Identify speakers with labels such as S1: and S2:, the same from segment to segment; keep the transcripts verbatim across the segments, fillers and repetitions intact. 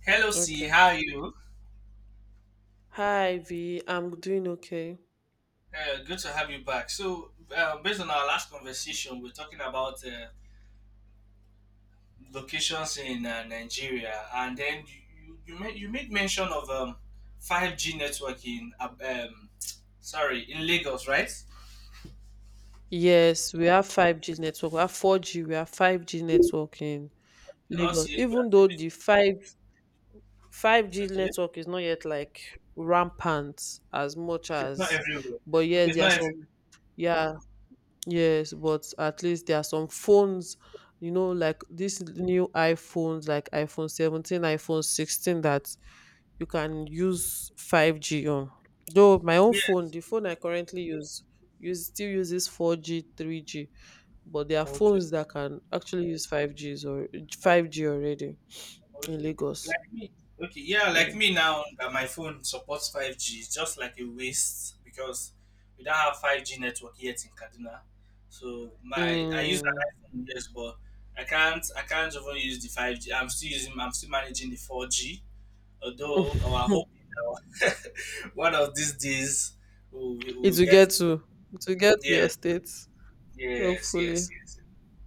S1: Hello, C.
S2: Okay.
S1: How are you?
S2: Hi, V. I'm doing okay.
S1: Uh, good to have you back. So, uh, based on our last conversation, we're talking about uh, locations in uh, Nigeria, and then you you, made, you made mention of um, five G network in uh, um, sorry in Lagos, right?
S2: Yes, we have five G network. We have four G, we have five G network in
S1: Also,
S2: Lagos.
S1: you- we are
S2: Even though
S1: still-
S2: the 5 5G
S1: okay,
S2: network is not yet like rampant as much
S1: okay, it's not
S2: as
S1: everywhere.
S2: but yeah,
S1: Okay, it's
S2: there
S1: not
S2: are
S1: everywhere.
S2: some yeah, yes, but at least there are some phones, you know, like these new iPhones, like iPhone seventeen, iPhone sixteen that you can use five G on. Though my own
S1: Yeah.
S2: phone, the phone I currently use, use still uses four G, three G, but there are
S1: Okay.
S2: phones that can actually use five Gs or five G already in
S1: Okay.
S2: Lagos.
S1: Like me. Okay, yeah, like
S2: Mm.
S1: me now that my phone supports five G, it's just like a waste because we don't have five G network yet in Kaduna. So my I use
S2: Mm.
S1: an iPhone, yes, but I can't I can't even use the five G. I'm still using I'm still managing the four G, although our hope is that one of these days we'll, we'll
S2: it will
S1: get.
S2: get to it will get to your
S1: Yes,
S2: states,
S1: yes, yes,
S2: hopefully.
S1: yes.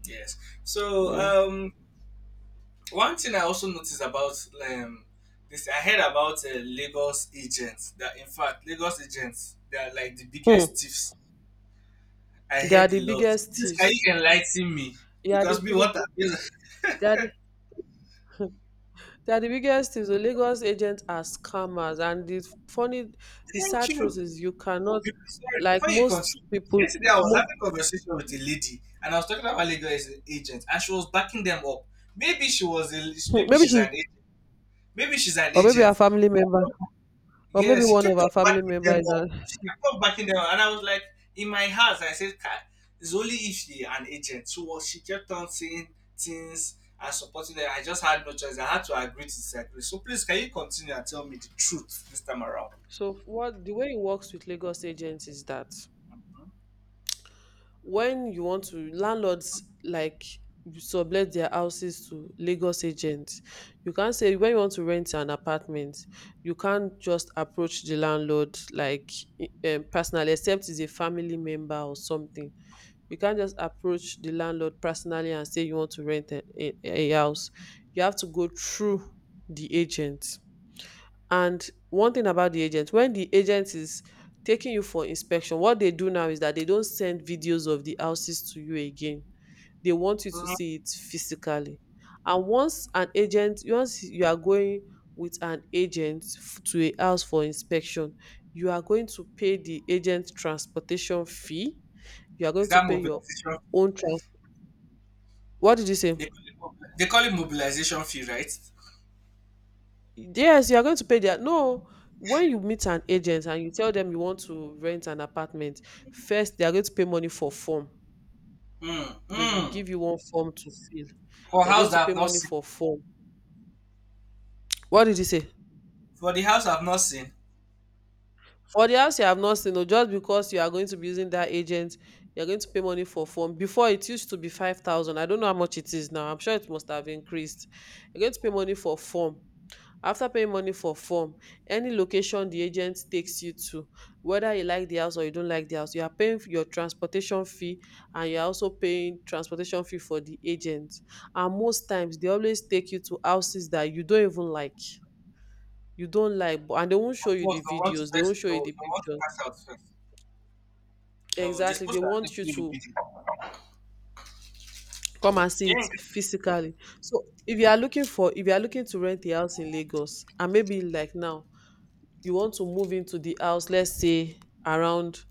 S1: Yes. So
S2: Yeah.
S1: um one thing I also noticed about um, this, I heard about uh, Lagos agents. That in fact, Lagos agents they are like the
S2: Hmm.
S1: biggest thieves. I
S2: They are
S1: heard a
S2: the
S1: lot.
S2: biggest
S1: This can
S2: thieves.
S1: you enlighten me
S2: They are
S1: because
S2: the
S1: me what?
S2: biggest.
S1: I,
S2: They are They are the biggest things. The Lagos agents are scammers, and the funny, the
S1: thank
S2: sad truth
S1: you.
S2: is you cannot,
S1: Be- Sorry,
S2: like
S1: before you
S2: most
S1: continue,
S2: people,
S1: yesterday I was
S2: mo-
S1: having a conversation with a lady and I was talking about Lagos agents and she was backing them up. Maybe she was a, maybe
S2: maybe
S1: she's
S2: she's,
S1: an agent. Maybe she's an
S2: or maybe a
S1: agent.
S2: family member, or
S1: Yeah,
S2: maybe
S1: she
S2: one of
S1: kept
S2: our
S1: on
S2: family
S1: backing them
S2: members. Is a,
S1: up. She kept on backing them up. And I was like, in my house, I said, "Kai, it's only if she an agent. So she kept on saying things and supporting them. I just had no choice. I had to agree to disagree. So please, can you continue and tell me the truth this time around?
S2: so what the way it works with Lagos agents is that when you want to landlords like sublet their houses to Lagos agents, you can't say when you want to rent an apartment, you can't just approach the landlord like e, um, personally, except he's a family member or something. You can't just approach the landlord personally and say you want to rent a, a, a house. You have to go through the agent. And one thing about the agent, when the agent is taking you for inspection, what they do now is that they don't send videos of the houses to you again. They want you to
S1: Mhm.
S2: see it physically. And once an agent, once you are going with an agent f- to a house for inspection, you are going to pay the agent transportation fee. You are going
S1: Is
S2: to
S1: that
S2: pay your
S1: mobilization?
S2: own trans. What did you say?
S1: They call, it, mobil- they call it mobilization fee, right?
S2: Yes, you are going to pay their no. When you meet an agent and you tell them you want to rent an apartment, first they are going to pay money for form.
S1: Mm,
S2: They will
S1: mm.
S2: give you one form to fill.
S1: For
S2: They are
S1: house
S2: going to
S1: that
S2: pay
S1: I've not
S2: money
S1: seen.
S2: for form. What did you say?
S1: For the house I've not seen.
S2: For the house you have not seen, no, just because you are going to be using that agent, you are going to pay money for form. Before it used to be five thousand. I don't know how much it is now. I'm sure it must have increased. You're going to pay money for form. After paying money for form, any location the agent takes you to, whether you like the house or you don't like the house, you are paying your transportation fee and you're also paying transportation fee for the agent. And most times they always take you to houses that you don't even like. You don't like, but and they won't show
S1: Of
S2: you
S1: course,
S2: the
S1: they want to
S2: videos, they won't
S1: first, they
S2: show
S1: they
S2: you the
S1: want to
S2: pictures.
S1: pass out first. No, they're
S2: Exactly.
S1: supposed
S2: They
S1: to have the
S2: want you
S1: fee in
S2: to
S1: video.
S2: come and see it
S1: Yeah.
S2: physically. So if you are looking for, if you are looking to rent a house in Lagos and maybe like now you want to move into the house, let's say around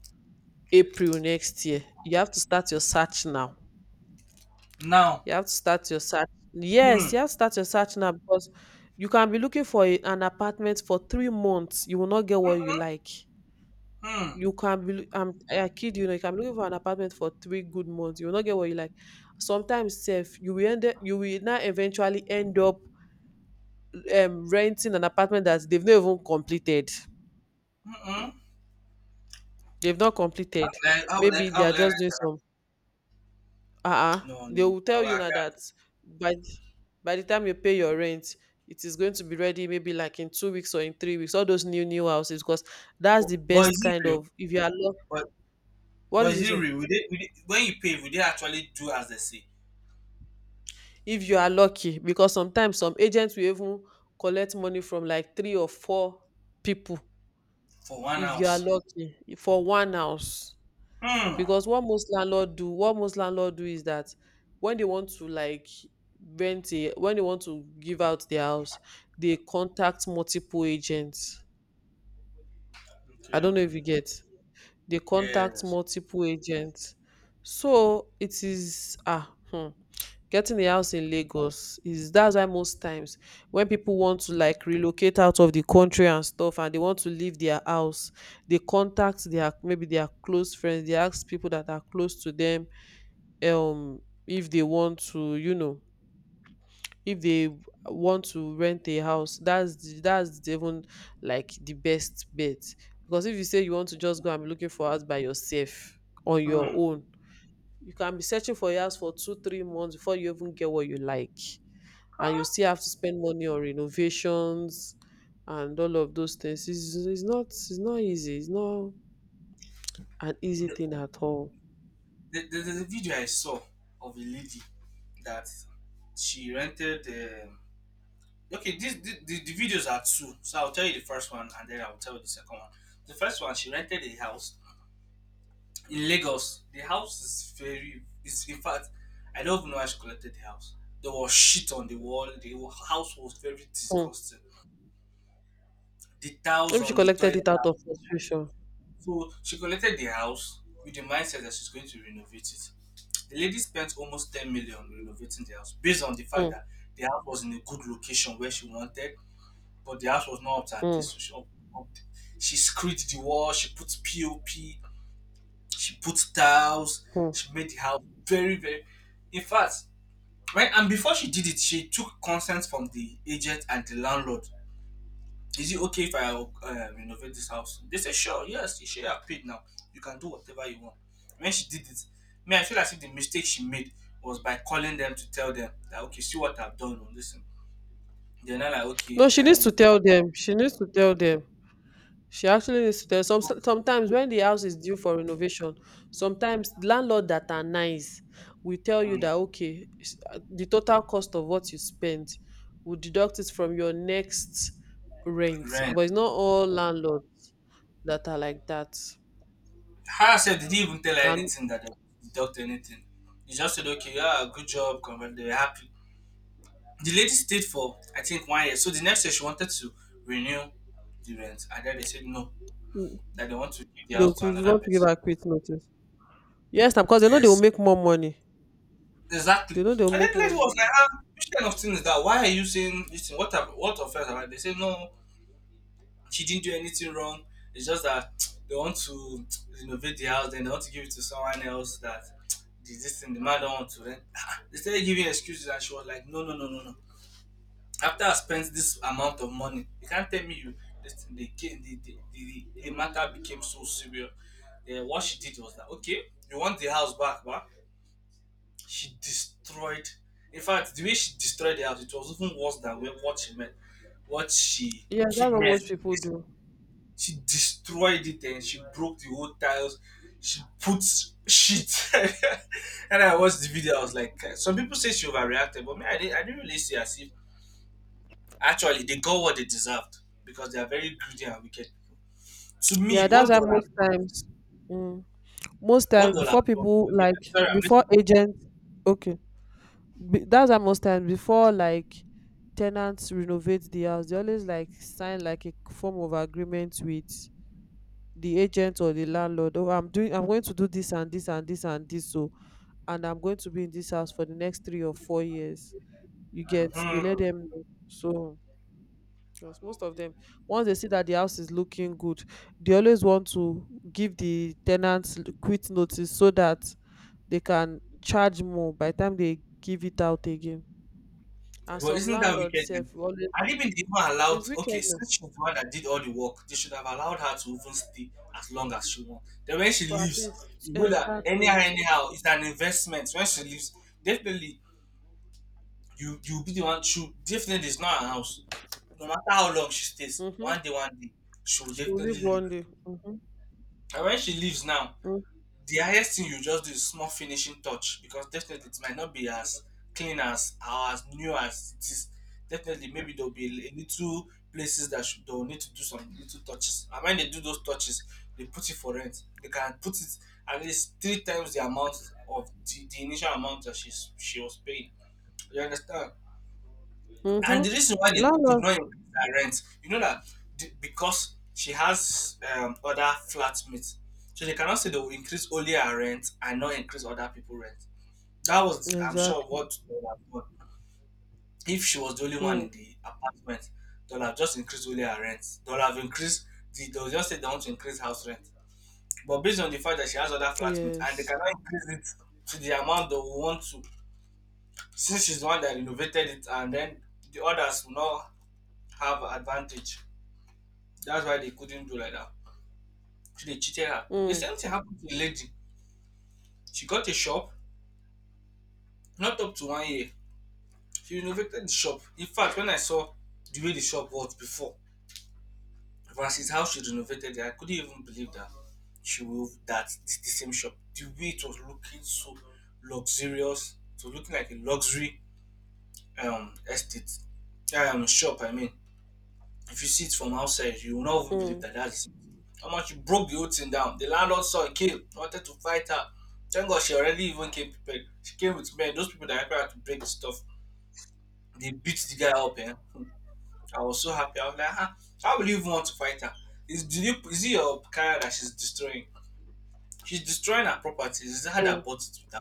S2: April next year, you have to start your search now.
S1: Now.
S2: You have to start your search.
S1: Hmm.
S2: Yes, you have to start your search now because you can be looking for a- an apartment for three months. You will not get what you
S1: Mm-mm.
S2: like.
S1: Mm.
S2: You can be, loo- I'm, I kid you, know, you can be looking for an apartment for three good months. You will not get what you like. Sometimes, Seth, you will end, up- you will now eventually end up um, renting an apartment that they've not even completed.
S1: Mm-mm.
S2: They've not completed.
S1: Like, I would
S2: Maybe
S1: like, I
S2: they are
S1: would like,
S2: just doing some uh-uh
S1: no,
S2: they
S1: no,
S2: will
S1: I,
S2: tell
S1: I
S2: you now that
S1: can't.
S2: by th- by the time you pay your rent, it is going to be ready maybe like in two weeks or in three weeks, all those new new houses because that's
S1: But,
S2: the
S1: but is
S2: best
S1: it
S2: kind
S1: real?
S2: of if you are lucky.
S1: But,
S2: What
S1: but
S2: is
S1: is
S2: this
S1: it
S2: um,
S1: real? Will they, will they, when you pay, will they actually do as they say
S2: if you are lucky because sometimes some agents will even collect money from like three or four people
S1: for one
S2: if you are
S1: house?
S2: lucky for one house
S1: Hmm.
S2: because what most landlord do, what most landlord do is that when they want to like rent a when they want to give out their house, they contact multiple agents. I
S1: Okay.
S2: don't know if you get, they contact
S1: Yes.
S2: multiple agents. So it is ah, hmm, getting a house in Lagos is that's why most times when people want to like relocate out of the country and stuff and they want to leave their house, they contact their maybe their close friends, they ask people that are close to them, um if they want to, you know, if they w- want to rent a house, that's the, that's the even like the best bet because if you say you want to just go and be looking for house by yourself on your
S1: Hmm.
S2: own, you can be searching for a house for two three months before you even get what you like and you
S1: Huh?
S2: still have to spend money on renovations and all of those things. It's, it's not it's not easy. It's not an easy
S1: The,
S2: thing at all.
S1: the, the, the video I saw of a lady that she rented. Um, okay, this, the, the, the videos are two. So I'll tell you the first one and then I'll tell you the second one. The first one, she rented a house in Lagos, the house is very. It's, in fact, I don't even know how she collected the house. There was shit on the wall. The house was very
S2: Hmm.
S1: disgusting. The tiles
S2: Maybe she
S1: on the
S2: collected
S1: toilet.
S2: it out of frustration.
S1: So she collected the house with the mindset that she's going to renovate it. The lady spent almost 10 million renovating the house based on the fact
S2: Hmm.
S1: that the house was in a good location where she wanted, but the house was not up to her
S2: Hmm.
S1: taste. So she, up, up, she screwed the wall, she put POP, she put tiles,
S2: Hmm.
S1: she made the house very, very. In fact, right, and before she did it, she took consent from the agent and the landlord. Is it okay if I uh, renovate this house? They said, sure, yes, you should have paid now. You can do whatever you want. When she did it, me, I feel as if the mistake she made was by calling them to tell them that, okay, see what I've done on this. They're not like,
S2: No,
S1: okay,
S2: she
S1: uh,
S2: needs to
S1: we'll
S2: tell them. She needs to tell them. She actually needs to tell some sometimes when the house is due for renovation, sometimes landlord that are nice will tell you that okay, s- uh, the total cost of what you spent will deduct it from your next rent.
S1: rent.
S2: But it's not all landlords that are like that.
S1: Her herself didn't even tell her
S2: And
S1: anything that they deduct anything. He just said, okay, yeah, good job, congrats. They are happy. The lady stayed for I think one year. So the next year she wanted to renew the rent, and then they said no,
S2: mm,
S1: that they want to give the
S2: look,
S1: house to
S2: if you
S1: another
S2: want to give
S1: person.
S2: her quick notice. Yes, because they know they will
S1: Yes,
S2: make more money.
S1: exactly.
S2: They know they will
S1: And then
S2: make
S1: the
S2: more
S1: lady was like,
S2: money.
S1: ah, which kind of thing is that? Why are you saying this? Thing? What have, what offense have I? They said no, she didn't do anything wrong. It's just that they want to renovate the house, then they want to give it to someone else that the- this thing the man don't want to rent. Ah, they started giving excuses, and she was like, no, no, no, no, no, after I spent this amount of money, you can't tell me you this thing, the, ca- the, the, the, the matter became so severe. Yeah, what she did was that okay, you want the house back, but she destroyed. In fact, the way she destroyed the house, it was even worse than what she meant. What she
S2: Yes,
S1: keep
S2: that's what
S1: meant,
S2: most people do.
S1: she destroyed it and she broke the whole tiles. She put shit, and I watched the video. I was like, some people say she overreacted, but me, I didn't. I didn't really see as if actually, they got what they deserved because they are very greedy and wicked people. To me,
S2: Yeah, that's
S1: what
S2: why
S1: dollar,
S2: most times, mm, most
S1: what
S2: times
S1: dollar?
S2: before people
S1: Okay,
S2: like
S1: sorry, I'm
S2: before
S1: listening.
S2: agents, okay, be, that's why most times before like tenants renovate the house, they always like sign like a form of agreement with the agent or the landlord. Oh, I'm doing, I'm going to do this and this and this and this. So, and I'm going to be in this house for the next three or four years. You get, they let
S1: Mhm.
S2: them know. So because most of them, once they see that the house is looking good, they always want to give the tenants l- quit notice so that they can charge more by the time they give it out again. And
S1: Well,
S2: some
S1: isn't that
S2: landlords
S1: wicked? Then?
S2: sef will always,
S1: And even they even allowed.
S2: it's
S1: Okay,
S2: wicked na.
S1: since she's the one that did all the work, they should have allowed her to even stay as long as she wants. Then when she
S2: But at
S1: leaves,
S2: least,
S1: you know that anyhow,
S2: exactly.
S1: anyhow, it's an investment. When she leaves, definitely you you'll be the one. She definitely is not her house, no matter how long she stays,
S2: Mm-hmm.
S1: one day, one day, she will
S2: She will leave
S1: definitely leave.
S2: one day. Mm-hmm.
S1: And when she leaves now, the highest thing you just do is small finishing touch because definitely it might not be as clean as or as new as it is. Definitely, maybe there'll be a little places that should, they'll need to do some little touches. And when they do those touches, they put it for rent. They can put it at least three times the amount of the, the initial amount that she's she was paying. You understand?
S2: Mm-hmm.
S1: And the reason why they could
S2: Landlord.
S1: not increase her rent, you know that the- because she has um, other flatmates, so they cannot say they will increase only her rent and not increase other people rent. That was, I'm sure,
S2: Exactly.
S1: what they would have done if she was the only one
S2: Mm.
S1: in the apartment. They'll have just increased only her rent. They'll have increased. The, they'll just say they want to increase house rent, but based on the fact that she has other flatmates and they
S2: Yes.
S1: cannot increase it to the amount they will want to, since she's the one that renovated it, and then the others will not have advantage. That's why they couldn't do like that. So they cheated her. The
S2: Mm.
S1: same thing happened to the lady. She got a shop, not up to one year. She renovated the shop. In fact, when I saw the way the shop was before versus how she renovated it, I couldn't even believe that she will that it's the same shop. The way it was looking so luxurious, to looking like a luxury um estate um shop. I mean, if you see it from outside, you will not even believe
S2: Mm.
S1: that that's it. How much you broke the whole thing down. The landlord saw it came, wanted to fight her. Thank God she already even came prepared. She came with men, those people that help her to break the stuff. They beat the guy up. Eh? Hmm. I was so happy. I was like, huh, how will you even want to fight her? Is, did you, is it your career that she's destroying? She's destroying her property. It's her
S2: Mm.
S1: that bought it with her.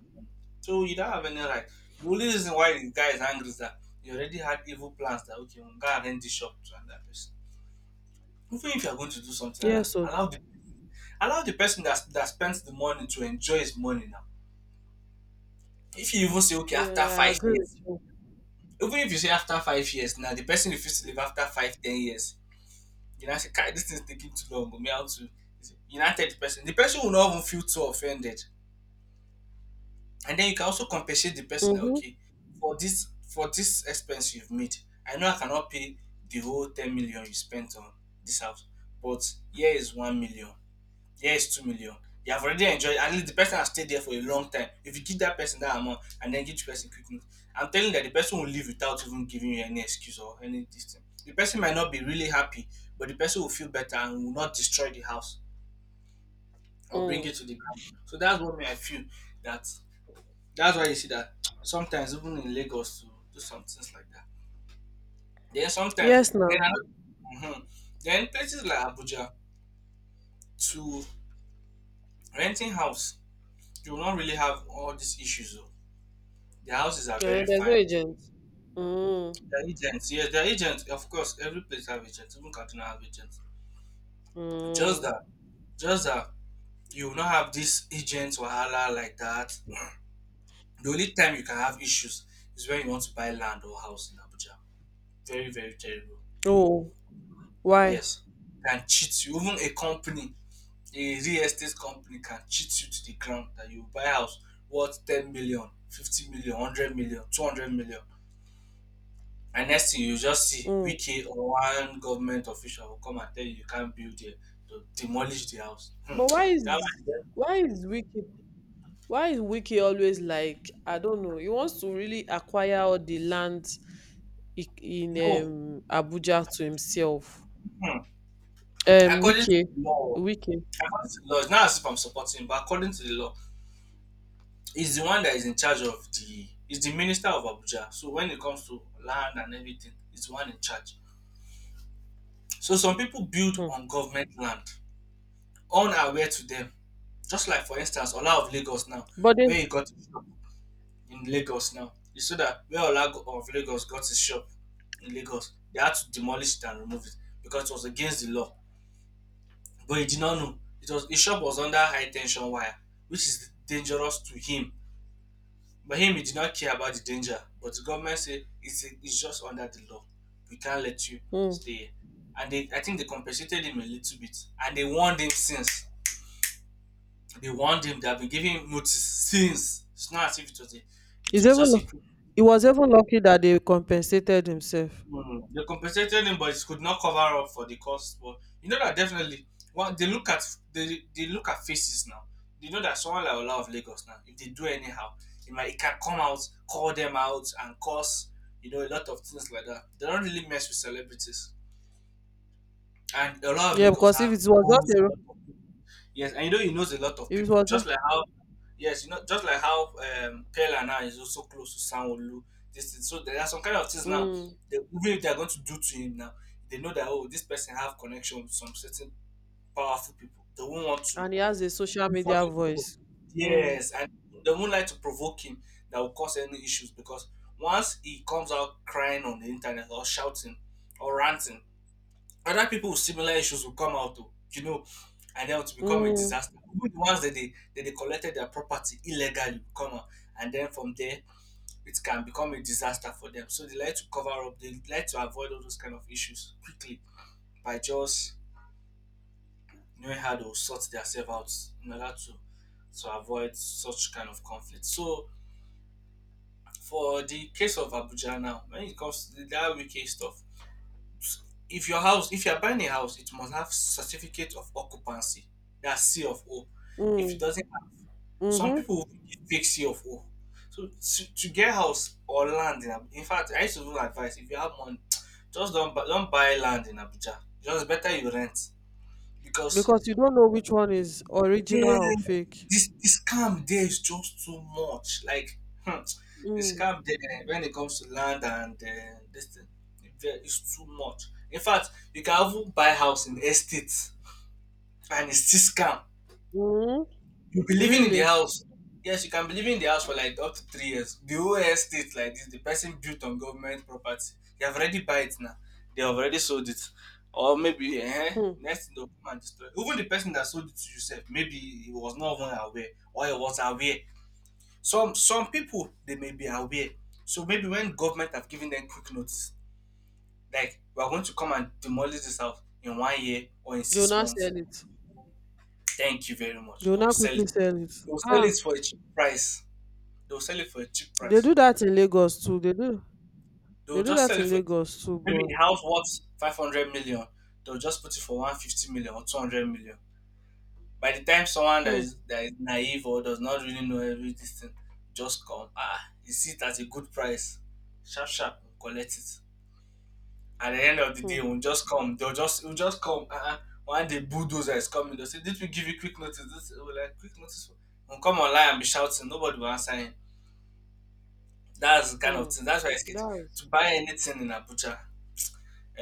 S1: So you don't have any right. The only reason why the guy is angry is that he already had evil plans that, okay, I'm going to rent this shop to another person. Even if you're going to do something like that,
S2: Yes. So
S1: allow the allow the person that that spends the money to enjoy his money now. If you even say okay after
S2: yeah, I
S1: five
S2: agree with
S1: years,
S2: you.
S1: even if you say after five years now, the person refuses to live after five ten years. You know, say, "Kai, this thing is taking too long. Me how to you know tell the person. The person will not even feel too offended, and then you can also compensate the person that,
S2: Mm-hmm.
S1: okay, for this for this expense you've made, I know I cannot pay the whole ten million you spent on this house, but here is one million. Here is two million. You have already enjoyed. At least the person has stayed there for a long time. If you give that person that amount and then give the person quick note, I'm telling you that the person will leave without even giving you any excuse or any this. The person might not be really happy, but the person will feel better and will not destroy the house or bring
S2: Mm.
S1: it to the ground. So that's what I feel that that's why you see that sometimes even in Lagos to do some things like that. Then sometimes
S2: Yes
S1: then
S2: now.
S1: mm then places like Abuja to renting house, you will not really have all these issues, though. The houses are very
S2: Yeah, there's no
S1: fine.
S2: agent. Mm,
S1: The agents, yes, the agents, of course, every place have agents, even Kaduna have agents. Just
S2: mm.
S1: that, just that you will not have this agents wahala like that. The only time you can have issues is when you want to buy land or house in Abuja. Very, very terrible.
S2: Oh, why?
S1: Yes, can cheat you. Even a company, a real estate company can cheat you to the ground that you buy house worth 10 million, fifty million, one hundred million, two hundred million. And next thing you just see
S2: Mm.
S1: Wike or one government official will come and tell you you can't build there to demolish the house. Hmm.
S2: But why
S1: That
S2: is,
S1: one, there,
S2: why is Wiki, why is Wiki always like I don't know? He wants to really acquire all the land i- in
S1: no.
S2: um, Abuja to himself.
S1: Hmm.
S2: Um,
S1: According to
S2: Wiki,
S1: the law,
S2: Wiki.
S1: according to the law, it's not as if I'm supporting, but according to the law, is the one that is in charge of the is the minister of Abuja. So when it comes to land and everything, it's the one in charge. So some people build
S2: Hmm.
S1: on government land, unaware to them. Just like for instance, Ola of Lagos now,
S2: But they,
S1: where you got in Lagos now. You saw that where Olago uh, of Lagos got his shop in Lagos, they had to demolish it and remove it because it was against the law. But he did not know. It was His shop was under high tension wire, which is dangerous to him. But him he did not care about the danger. But the government said it's, it's just under the law. We can't let you
S2: hmm.
S1: stay here. And they, I think they compensated him a little bit. And they warned him since. They warned him, they have been giving him notice since. It's not as if it was a it
S2: he's
S1: was
S2: even
S1: just a
S2: lu-
S1: quick.
S2: he was even lucky that they compensated himself.
S1: Mm. They compensated him, but it could not cover up for the cost. But you know that definitely, well, they look at they, they look at faces now. They know that someone like Ola of Lagos now, if they do anyhow, it might it can come out, call them out, and cause you know a lot of things like that. They don't really mess with celebrities, and a lot of
S2: Yeah,
S1: Lagos
S2: because if
S1: have
S2: it was
S1: rules.
S2: just a ro-
S1: Yes, and you know he knows a lot of
S2: if it
S1: people.
S2: was
S1: Just like how yes, you know just like how um Pella now is also close to Sanwolu. This is, so there are some kind of things now
S2: just,
S1: that even if they are going to do to him now, they know that, oh, this person have connection with some certain powerful people. They won't want to
S2: and he has a social
S1: do
S2: media
S1: something to provoke.
S2: voice. Mm,
S1: Yes, and they won't like to provoke him that will cause any issues because once he comes out crying on the internet or shouting or ranting, other people with similar issues will come out, oh, you know, and then it will become a
S2: mm,
S1: disaster. Even the ones that they that they collected their property illegally will come out, and then from there it can become a disaster for them. So they like to cover up, they like to avoid all those kind of issues quickly by just knowing how to sort themselves out in order to to avoid such kind of conflict. So for the case of Abuja now, when it comes to the that wiki stuff, if your house if you are buying a house it must have certificate of occupancy, that's c of o. If it
S2: mm,
S1: doesn't have, some
S2: mm-hmm.
S1: people will fake c of o. So to, to get house or land in Ab-, in fact, I used to even advice, if you have money just don't buy, don't buy land in Abuja, just better you rent, because
S2: Because you don't know which one is original
S1: yeah,
S2: or fake.
S1: this this scam there is just too much. Like, hmm, the
S2: Mm,
S1: scam there when it comes to land and uh, this thing, there is too much. In fact, you can even buy house in estate and it's still scam.
S2: mm,
S1: You'll be living in the
S2: really?
S1: house. Yes, you can be living in the house for like up to three years. The whole estate like this, the person built on government property. They have already buy it now. They have already sold it. Or maybe eh,
S2: Hmm.
S1: next thing they'll come and destroy. it. Even the person that sold it to yourself, maybe he was not even aware or he was aware. Some some people they may be aware. So maybe when government have given them quick notice, like we are going to come and demolish this house in one year or in
S2: You'll
S1: six
S2: not
S1: months.
S2: sell it.
S1: Thank you very much.
S2: You'll
S1: They'll
S2: not
S1: sell
S2: quickly
S1: it.
S2: sell it.
S1: They'll sell
S2: Ah,
S1: it for a cheap price. They'll sell it for a cheap
S2: they
S1: price.
S2: do that in Lagos too. They do. They
S1: They'll
S2: do
S1: just
S2: that
S1: sell it
S2: in
S1: for
S2: Lagos too,
S1: maybe
S2: but
S1: a house worth five hundred million. They'll just put it for one fifty million or two hundred million. By the time someone that
S2: hmm,
S1: is that is naive or does not really know every this thing just come, ah, you see it at a good price. Sharp sharp, we'll collect it. At the end of the
S2: hmm,
S1: day, we'll just come. They'll just we'll just come. Uh-uh. One day bulldozer is coming, they'll say, did we give you quick notice? This we're like quick notice. We'll come online and be shouting, nobody will answer him. That's the kind of
S2: hmm.
S1: thing. That's why I said
S2: That's.
S1: to buy anything in Abuja,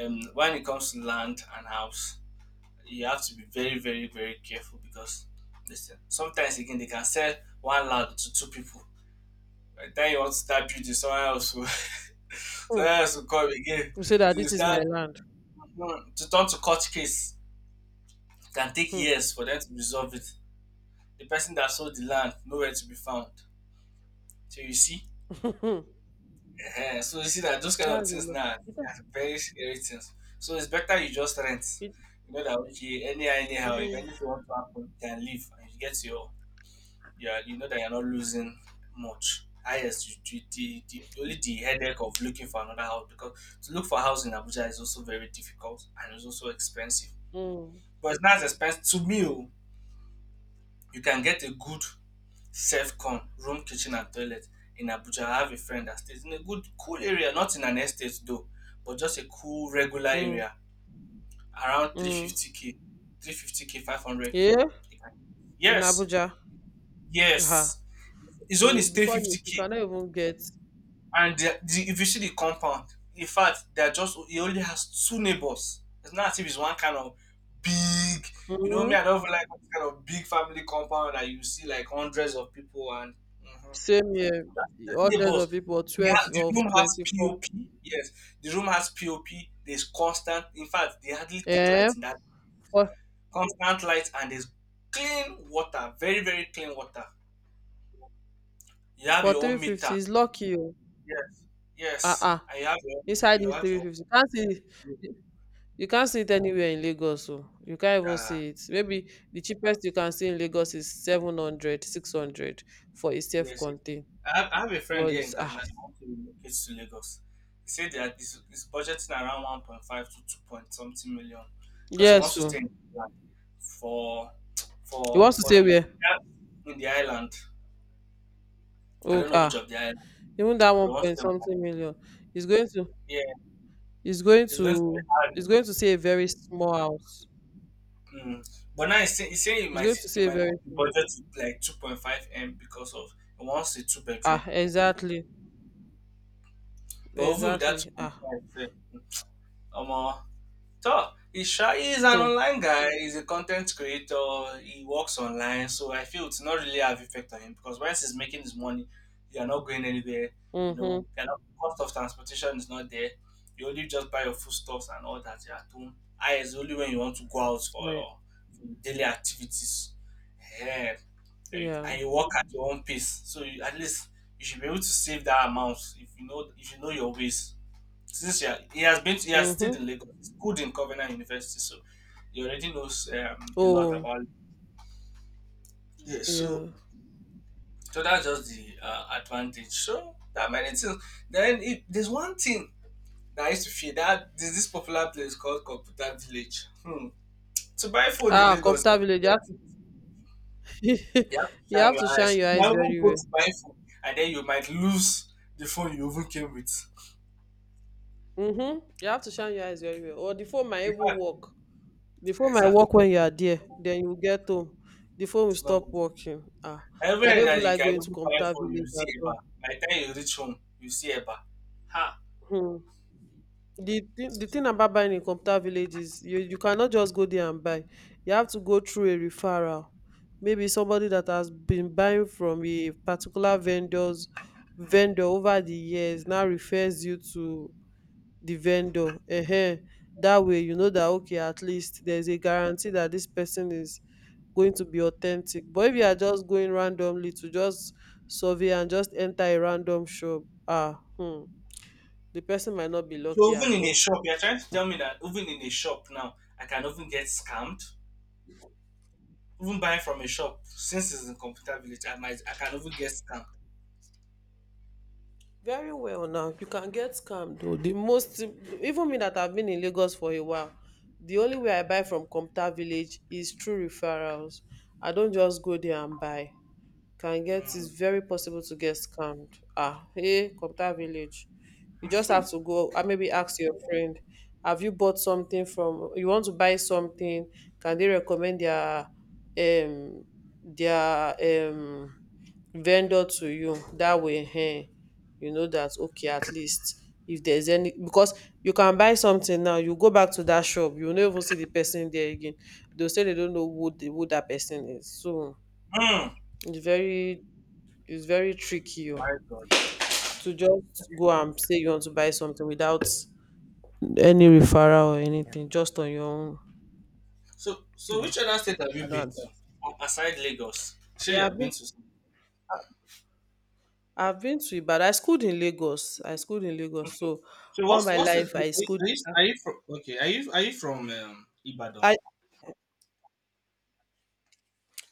S1: um, when it comes to land and house, you have to be very, very, very careful because listen, sometimes again they can sell one land to two people. By the time you want to start building, someone else will,
S2: Hmm.
S1: someone else will come again.
S2: You say that
S1: You
S2: this is my
S1: start,
S2: land.
S1: mm, to turn to court case. Can take
S2: Hmm.
S1: years for them to resolve it. The person that sold the land nowhere to be found. So you see, ehen, so you see that those kind
S2: That's
S1: of things
S2: enough.
S1: now
S2: It,
S1: are very scary things. So it's better you just rent.
S2: it,
S1: You know that, okay, anyhow, anyhow, if
S2: mm,
S1: anything want to happen, you can leave and you get your, yeah, you know that you're not losing much. Ah, yes, you, you, the, the only the headache of looking for another house because to look for a house in Abuja is also very difficult and it's also expensive.
S2: mm,
S1: But it's not as expensive to me. Oh, you can get a good Safecon, room, kitchen, and toilet in Abuja. I have a friend that stays in a good, cool area, not in an estate though, but just a cool, regular
S2: mm,
S1: area around
S2: mm.
S1: three fifty k, three fifty k, five hundred k.
S2: Yeah, in
S1: Yes,
S2: Abuja. Ah,
S1: yes. His own
S2: you
S1: is
S2: before you, you
S1: three fifty k.
S2: cannot even get
S1: And the, the, if you see the compound, in fact, they're just, he only has two neighbors. It's not as if it's one kind of big, you know, me,
S2: mm,
S1: I don't even like that kind of big family compound that you see like hundreds of people and. Mhm.
S2: same year hundreds
S1: Neighbors.
S2: of people or
S1: They
S2: twelve
S1: ha- the
S2: of
S1: room has
S2: twenty four.
S1: P O P. Yes, the room has P O P. There's constant. In fact, they hardly take
S2: Eh,
S1: light in that.
S2: for
S1: Constant light and there's clean water. Very very clean water. You have
S2: for
S1: your own
S2: three
S1: meter.
S2: fifty is lucky o.
S1: Yes.
S2: Ah
S1: Yes.
S2: ah,
S1: And you have your own,
S2: inside
S1: you
S2: this
S1: have
S2: three
S1: your
S2: fifty can't see,
S1: own
S2: you can't see it anywhere in Lagos o. You can't even
S1: meter.
S2: see it. Maybe the cheapest you can see in Lagos is seven hundred, six hundred for a self
S1: Yes, yes.
S2: contained.
S1: I have, I have a friend
S2: But
S1: here in Kaduna
S2: ah,
S1: that wants to relocate to Lagos. He said that he's, he's budgeting around one point five to two point something million because he wants
S2: yes
S1: to stay
S2: o.
S1: in the island for
S2: You
S1: for
S2: want to
S1: for
S2: say
S1: a-
S2: where?
S1: in the island. I
S2: Oh
S1: don't know which
S2: ah,
S1: of the island,
S2: even that one
S1: but once
S2: point
S1: them,
S2: something million is going to.
S1: yeah,
S2: It's going
S1: it's going to be
S2: to,
S1: hard.
S2: it's going to say a very small house.
S1: Mm. But now he's saying, he's saying he
S2: It's going
S1: might
S2: to
S1: he
S2: say a
S1: might move
S2: very
S1: the
S2: small.
S1: budget to like two point five m because of he wants a two
S2: Ah,
S1: bedroom.
S2: exactly.
S1: But even with that
S2: Exactly. Ah.
S1: two point five, um, so Isha is an
S2: Hmm.
S1: online guy. He's a content creator. He works online, so I feel it's not really have effect on him because once he's making his money, you're not going anywhere. You
S2: Mm-hmm.
S1: know, you're not, cost of transportation is not there. You only just buy your foodstuffs and all that. You're at home. I is only when you want to go out for
S2: Right.
S1: your daily activities. Yeah.
S2: Yeah.
S1: And you work at your own pace, so you, at least you should be able to save that amount if you know if you know your ways since he, ha- he has been he has stayed
S2: Mm-hmm.
S1: in Lagos, he's good in Covenant University, so he already knows um, a lot
S2: Oh,
S1: about. Yeah, so
S2: yeah.
S1: So that's just the uh, advantage. So there are many things. Then it, there's one thing that I used to fear that there's this popular place called Computer Village. Hmm. To buy phone in
S2: Ah,
S1: Lagos, eh,
S2: computer village. You
S1: you
S2: have
S1: have
S2: to
S1: you have to
S2: you
S1: shine
S2: have
S1: your
S2: to shine
S1: eyes.
S2: your
S1: You can
S2: eyes
S1: even
S2: very
S1: go to
S2: well.
S1: buy phone, and then you might lose the phone you even came with.
S2: Mm-hmm. You have to shine your eyes very well. Or the phone might
S1: In
S2: even
S1: fact,
S2: work. The phone might
S1: exactly.
S2: work when you are there. Then you get home. The phone will
S1: It's not.
S2: stop working. Ah. I
S1: Everywhere
S2: don't even
S1: that you
S2: like
S1: can
S2: going to
S1: even buy
S2: computer
S1: food, you
S2: village
S1: see
S2: at
S1: Eba.
S2: all.
S1: By the time you reach home, you see Eba. Ha!
S2: Hmm. the thing the
S1: So
S2: thing about buying in computer village is you you cannot just go there and buy. You have to go through a referral, maybe somebody that has been buying from a particular vendors vendor over the years now refers you to the vendor. Ehen, that way you know that okay, at least there's a guarantee that this person is going to be authentic. But if you are just going randomly to just survey and just enter a random shop, ah, hmm, the person might not be lucky at
S1: even in a
S2: all.
S1: shop, you're trying to tell me that even in a shop now, I can even get scammed. Even buying from a shop, since it's in computer village, I might I can even get scammed.
S2: Very well now. You can get scammed though. The most, even me that I've been in Lagos for a while, the only way I buy from Comta Village is through referrals. I don't just go there and buy. Can get
S1: Mm.
S2: It's very possible to get scammed. Ah, hey, computer village, you just have to go, ah, maybe ask your friend, have you bought something from, you want to buy something, can they recommend their, um their, um vendor to you? That way, hey, you know that okay, at least if there's any, because you can buy something now, you go back to that shop, you no even see the person there again. They'll say they don't know who the, who that person is. So
S1: Mm.
S2: it's very, it's very tricky oh,
S1: My God. Ah.
S2: to just go and say you want to buy something without any referral or anything, just on your own.
S1: So so
S2: No,
S1: which other state have you
S2: I don't
S1: been to?
S2: advise.
S1: Well, aside Lagos, surely you
S2: Yeah,
S1: have
S2: I've
S1: been
S2: been
S1: to some.
S2: I've been to Ibadan. I schooled in Lagos. I schooled in Lagos. So
S1: So
S2: all
S1: what's
S2: my
S1: what's the are
S2: life
S1: you,
S2: I
S1: are
S2: schooled,
S1: you, are you from, okay, are you are you from um, Ibadan?
S2: I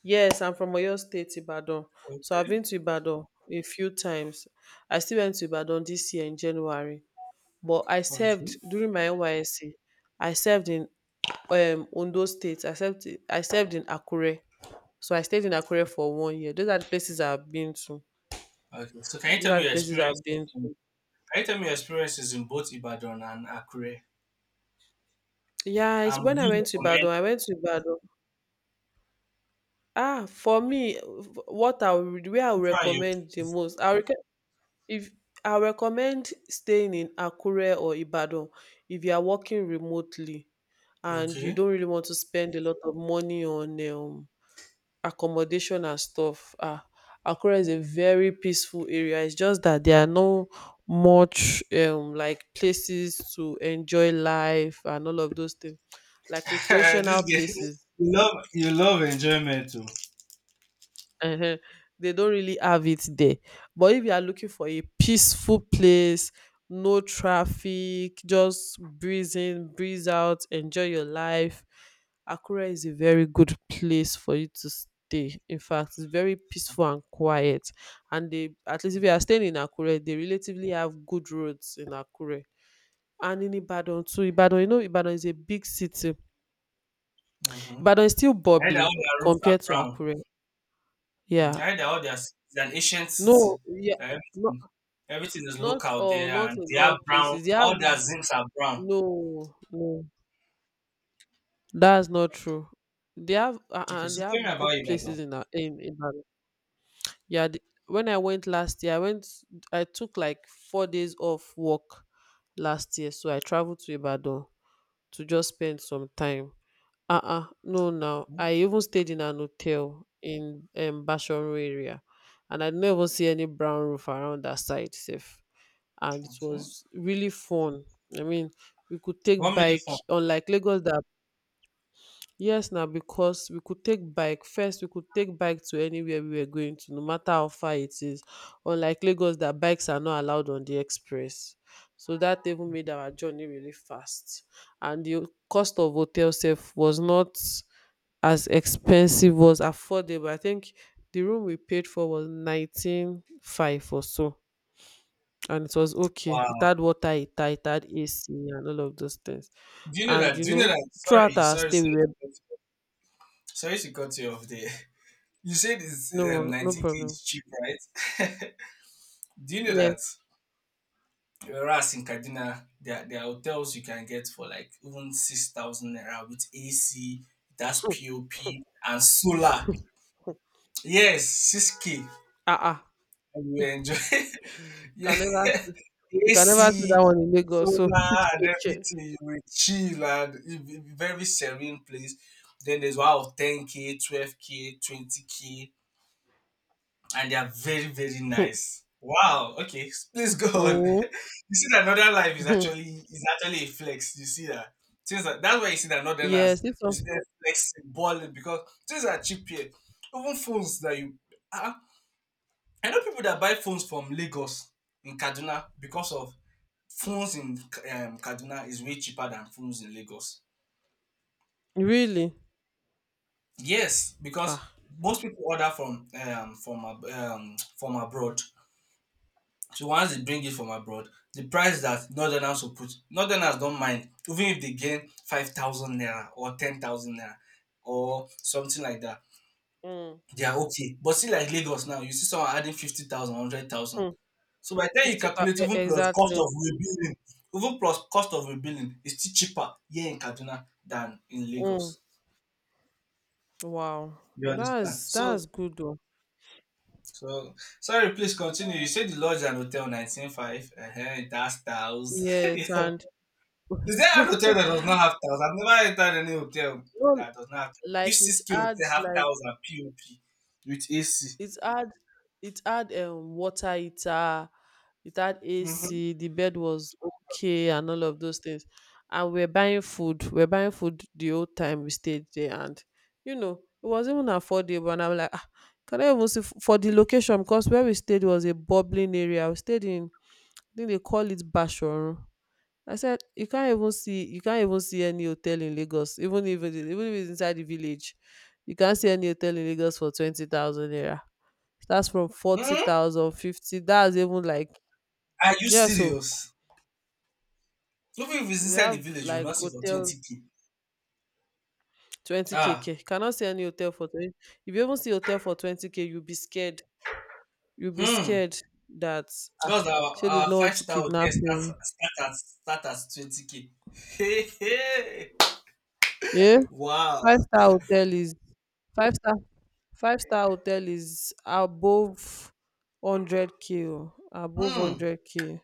S2: yes, I'm from Oyo State, Ibadan. So I've
S1: Okay.
S2: been to Ibadan a few times. I still went to Ibadan this year in January. But I served
S1: Okay.
S2: during my N Y S C. I served in um Ondo State. I served I served in Akure. So I stayed in Akure for one year. Those are the places I've been to.
S1: Okay, so can you
S2: Those
S1: tell
S2: are
S1: me
S2: the
S1: your
S2: places I've
S1: experiences?
S2: been
S1: In,
S2: to.
S1: can you tell me your experiences in both Ibadan and Akure?
S2: Yeah, it's
S1: And would
S2: when I
S1: you
S2: went to
S1: recommend
S2: Ibadan, I went to Ibadan. Ah, for me, w- what I would, where I
S1: you
S2: would
S1: try it?
S2: recommend the most, I rec- if I recommend staying in Akure or Ibadan, if you are working remotely and you
S1: Okay.
S2: don't really want to spend a lot of money on um accommodation and stuff. Ah, Akure is a very peaceful area. It's just that there are no much um like places to enjoy life and all of those things, like
S1: This
S2: recreational
S1: game,
S2: places.
S1: you love you love enjoyment too.
S2: Ehen, they don't really have it there. But if you are looking for a peaceful place, no traffic, just breeze in, breeze out, enjoy your life. Akure is a very good place for you to stay. In fact, it's very peaceful and quiet. And they, at least if you are staying in Akure, they relatively have good roads in Akure. And in Ibadan too. Ibadan, you know, Ibadan is a big city.
S1: Mm-hmm.
S2: Ibadan
S1: I
S2: is still
S1: heard that all
S2: bubbling
S1: their roofs are
S2: compared to
S1: brown.
S2: Akure.
S1: Mm,
S2: Yeah.
S1: I heard that all their it's an ancient city.
S2: No, yeah.
S1: That
S2: No.
S1: everything, everything is
S2: Not
S1: local
S2: all,
S1: there,
S2: not
S1: and
S2: in
S1: they
S2: all
S1: are brown.
S2: places. They have,
S1: All their zincs are brown.
S2: no, no. That's not true. They have uh,
S1: Okay,
S2: uh,
S1: so
S2: they
S1: tell me
S2: have
S1: about
S2: good
S1: Ibadan.
S2: places in our in, in Ibadan. Yeah, the, when I went last year, I went. I took like four days off work last year, so I traveled to Ibadan to just spend some time. Uh uh no, now
S1: Mm.
S2: I even stayed in an hotel in um Bashorun area, and I never see any brown roof around that side, safe. And it
S1: Okay,
S2: was really fun. I mean, we could take
S1: what made it
S2: bike
S1: fun?
S2: unlike Lagos that, yes now, because we could take bike, first we could take bike to anywhere we were going to, no matter how far it is. Unlike Lagos that bikes are not allowed on the express, so that even made our journey really fast. And the cost of hotel self was not as expensive, was affordable. I think the room we paid for was nineteen five or so, and it was okay. It
S1: Wow.
S2: had water, it had, it had A C, and all of those things.
S1: Do you know
S2: And
S1: that?
S2: you
S1: Do you know
S2: know,
S1: that? Sorry,
S2: throughout our
S1: sorry, sorry
S2: stay, we
S1: to
S2: were,
S1: cut you sorry to cut you off there. You said it's um,
S2: no, no
S1: nineteen k
S2: problem.
S1: is cheap, right? Do you know
S2: Yes,
S1: that whereas in Kaduna, there, there are hotels you can get for like even six thousand naira with A C, that's P O P, and solar. Yes, six k.
S2: ah, ah.
S1: And you enjoy. Yeah,
S2: can never see, You can never see
S1: A C,
S2: that one in Lagos.
S1: solar,
S2: So
S1: and
S2: six k.
S1: everything. You will chill and it- it- very serene place. Then there's one of ten k, twelve k, twenty k, and they are very, very nice. Wow. Okay, please go on.
S2: Mhm,
S1: You see that Northern Life is
S2: mhm.
S1: actually is actually a flex. You see that things are, that's why you see that Northerners,
S2: Yes, it's
S1: you
S2: a,
S1: see them flexing, balling because things are cheap here. Even phones that you, uh, I know people that buy phones from Lagos in Kaduna because of phones in um, Kaduna is way cheaper than phones in Lagos.
S2: really,
S1: Yes, because
S2: ah,
S1: most people order from um, from ab- um, from abroad. So once they bring it from abroad, the price that northerners will put, northerners don't mind, even if they gain five thousand naira or ten thousand naira or something like that,
S2: mm,
S1: they are okay. But see, like Lagos now, you see someone adding fifty thousand.
S2: mm,
S1: So by the time you
S2: fifty thou-,
S1: calculate
S2: e-
S1: even plus cost
S2: exactly.
S1: of rebuilding, even plus cost of rebuilding, it's still cheaper here in Kaduna than in
S2: Mm,
S1: Lagos.
S2: wow,
S1: You understand?
S2: that's
S1: So,
S2: that's good though.
S1: so sorry, please continue. You said the lodge and hotel nineteen five, uh-huh, that's styles.
S2: Yes, and
S1: Is there a hotel that does not have towels? I've never entered any hotel
S2: no,
S1: that does not have towels. If
S2: like it
S1: C C K hotel
S2: adds
S1: have
S2: like,
S1: towels and P O P with A C.
S2: it had, it had um water heater, it had
S1: Mm-hmm.
S2: A C, the bed was okay and all of those things. And we are buying food. We We're buying food the whole time we stayed there and you know, it was even affordable and I'm like, ah, can I even see f- for the location, because where we stayed was a bubbling area. We stayed in, I think they call it Bashorun. I said you can't even see, you can't even see any hotel in Lagos, even if it is, even if it's inside the village. You can't see any hotel in Lagos for twenty thousand naira. That's from forty
S1: Hmm,
S2: thousand fifty. That's even like,
S1: are you
S2: yeah, so
S1: serious? Even if it's
S2: we
S1: inside the
S2: have
S1: village, you will
S2: like
S1: not see for
S2: hotel
S1: twenty k.
S2: twenty k.
S1: Ah.
S2: K. k. Cannot see any hotel for twenty. If you even see hotel for twenty k, you'll be scared. You'll be
S1: Hmm.
S2: scared that
S1: Because our,
S2: she did
S1: our
S2: not want
S1: five
S2: to
S1: star hotel
S2: kidnap you.
S1: starts start at start at twenty k. Hey, hey.
S2: Yeah,
S1: Wow.
S2: five star hotel is five star five star hotel is above hundred k. O, above
S1: Hmm.
S2: hundred k.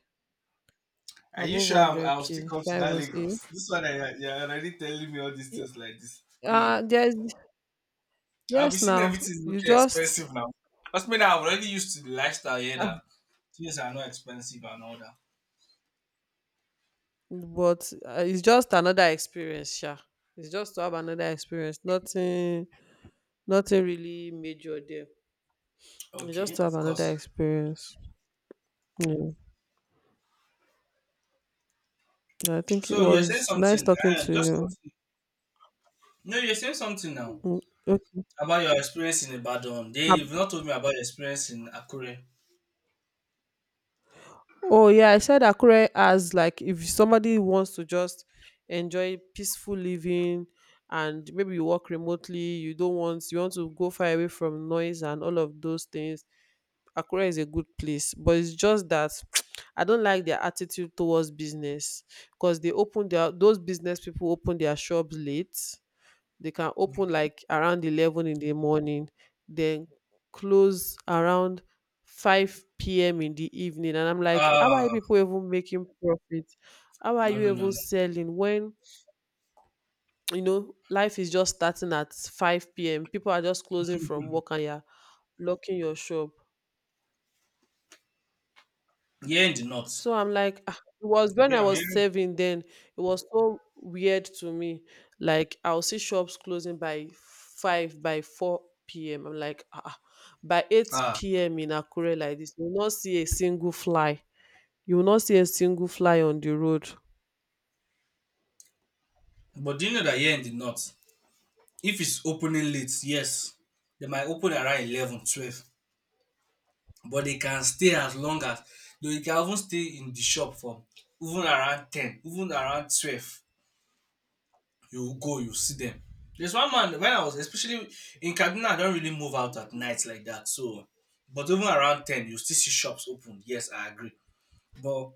S1: Are you
S2: Above
S1: sure I'm,
S2: hundred
S1: I'll still
S2: k.
S1: come to
S2: Can't
S1: that
S2: even say.
S1: Lagos? This one, I, you're already telling me all these
S2: Y-
S1: things like this. Hey.
S2: Uh, there's
S1: I'll be
S2: yes
S1: seeing
S2: now.
S1: everything
S2: You
S1: looking
S2: just,
S1: expensive now. That's me, I'm already used to the lifestyle here that things are not expensive and all that.
S2: but uh, it's just another experience, yeah. It's just to have another experience. Nothing, nothing really major there. It's just
S1: Okay,
S2: to have
S1: of
S2: another
S1: course.
S2: experience. Yeah. Yeah, I think it
S1: So you're saying
S2: was nice
S1: something.
S2: talking
S1: Uh,
S2: to
S1: just
S2: you.
S1: No, you're saying something now
S2: Mm, okay.
S1: about your experience in Ibadan. Then you've
S2: Ab-
S1: not told me about your experience in Akure.
S2: Oh yeah, I said Akure as like if somebody wants to just enjoy peaceful living, and maybe you work remotely, you don't want, you want to go far away from noise and all of those things. Akure is a good place, but it's just that I don't like their attitude towards business, because they open their, those business people open their shops late. They can open like around eleven in the morning, then close around five p m in the evening, and I'm like, how are
S1: Ah.
S2: you people even making profit? How are
S1: No,
S2: you
S1: no, no,
S2: even
S1: no,
S2: selling when you know life is just starting at five p m? People are just closing from work and you're locking your shop.
S1: here in the north.
S2: So I'm like, "Ah," it was when
S1: Okay,
S2: I
S1: I'm
S2: was
S1: hearing.
S2: saving then, it was so weird to me. Like, I'll see shops closing by five, by four p m. I'm like, ah, ah. By eight
S1: Ah,
S2: p m in Akure like this, you will not see a single fly. You will not see a single fly on the road.
S1: but do you know that here in the north, if it's opening late, yes, they might open around eleven, twelve, but they can stay as long as they can even stay in the shop for even around ten, even around twelve. You go, you see them. There's one man, when I was especially in Kaduna, I don't really move out at night like that, so but even around ten, you still see shops open, yes, I agree. But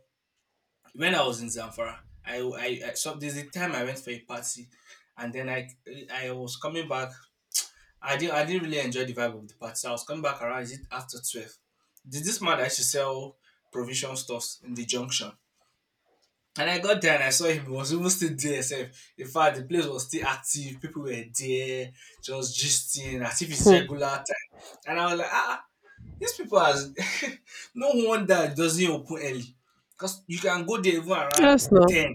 S1: when I was in Zamfara, i i, I so there's a time I went for a party, and then i i was coming back. I did not I didn't really enjoy the vibe of the party. So I was coming back around, is it after twelve? Did this man that used to sell provision stuffs in the junction? And I got there and I saw him, he was even still there self. In fact, the place was still active, people were there, just gisting as if it's
S2: Hmm.
S1: regular time. And I was like, ah, these people are no wonder it doesn't open early. Because you can go there even around
S2: Yes, now,
S1: ten,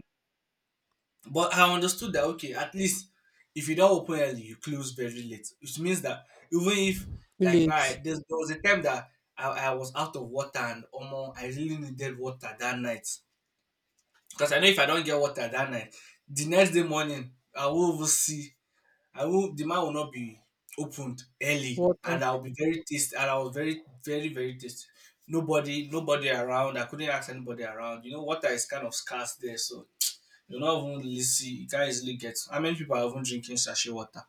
S1: but I understood that okay, at least if you don't open early, you close very late, which means that even if like now
S2: late
S1: I- there's, there was a time that I, I was out of water and almost I really needed water that night, because I know if I don't get water that night, the next day morning I will even see I will the man will not be opened early and
S2: water.
S1: I'll be very tasty, and I was very, very, very tasty. Nobody nobody around. I couldn't ask anybody around. You know water is kind of scarce there, so you're not even easy. You can't easily get. How many people are even drinking sachet water?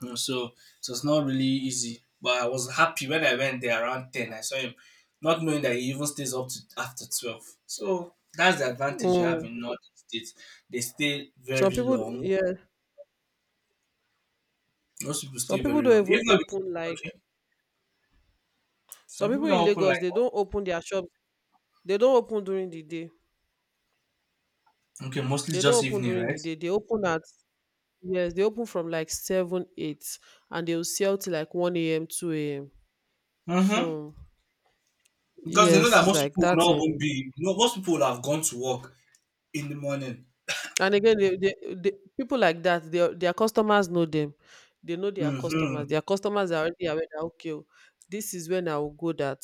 S1: Mhm. So, so it's not really easy. But I was happy when I went there around ten. I saw him, not knowing that he even stays up to after twelve. So that's the advantage you have
S2: Mm.
S1: in northern states. They stay
S2: Some
S1: very
S2: people,
S1: long.
S2: yeah,
S1: Most people
S2: some
S1: stay
S2: people
S1: very long.
S2: don't even
S1: Even though
S2: open
S1: because,
S2: like,
S1: okay, some
S2: some
S1: people
S2: people
S1: don't
S2: in
S1: open
S2: Lagos.
S1: like
S2: They don't open their shops. They don't open during the day.
S1: okay, mostly
S2: They don't
S1: just
S2: open
S1: evening,
S2: during
S1: right?
S2: the day. They open at, yes, they open from like seven, eight, and they will sell till like one a m, two a m.
S1: Mm-hmm.
S2: So
S1: Because they know
S2: yes,
S1: that
S2: it's
S1: most
S2: like
S1: people will
S2: that.
S1: not even
S2: um,
S1: be. You know, most people will have gone to work in the morning.
S2: And again, they, they, they, people like that, their their customers know them. They know their customers.
S1: Mm-hmm.
S2: Their customers are already aware that okay, oh, this is when I will go. That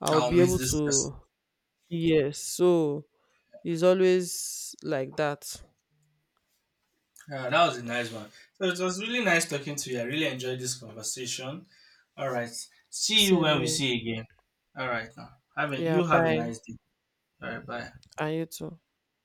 S2: I will
S1: I'll
S2: be
S1: meet
S2: able
S1: this person.
S2: to. Yes, so it's always like that.
S1: Yeah, that was a nice one. So it was really nice talking to you. I really enjoyed this conversation. All right. See you
S2: Same
S1: when we
S2: here.
S1: see again. All right now. Having
S2: Yeah,
S1: you have a
S2: bye.
S1: nice day. All right, bye.
S2: And you too.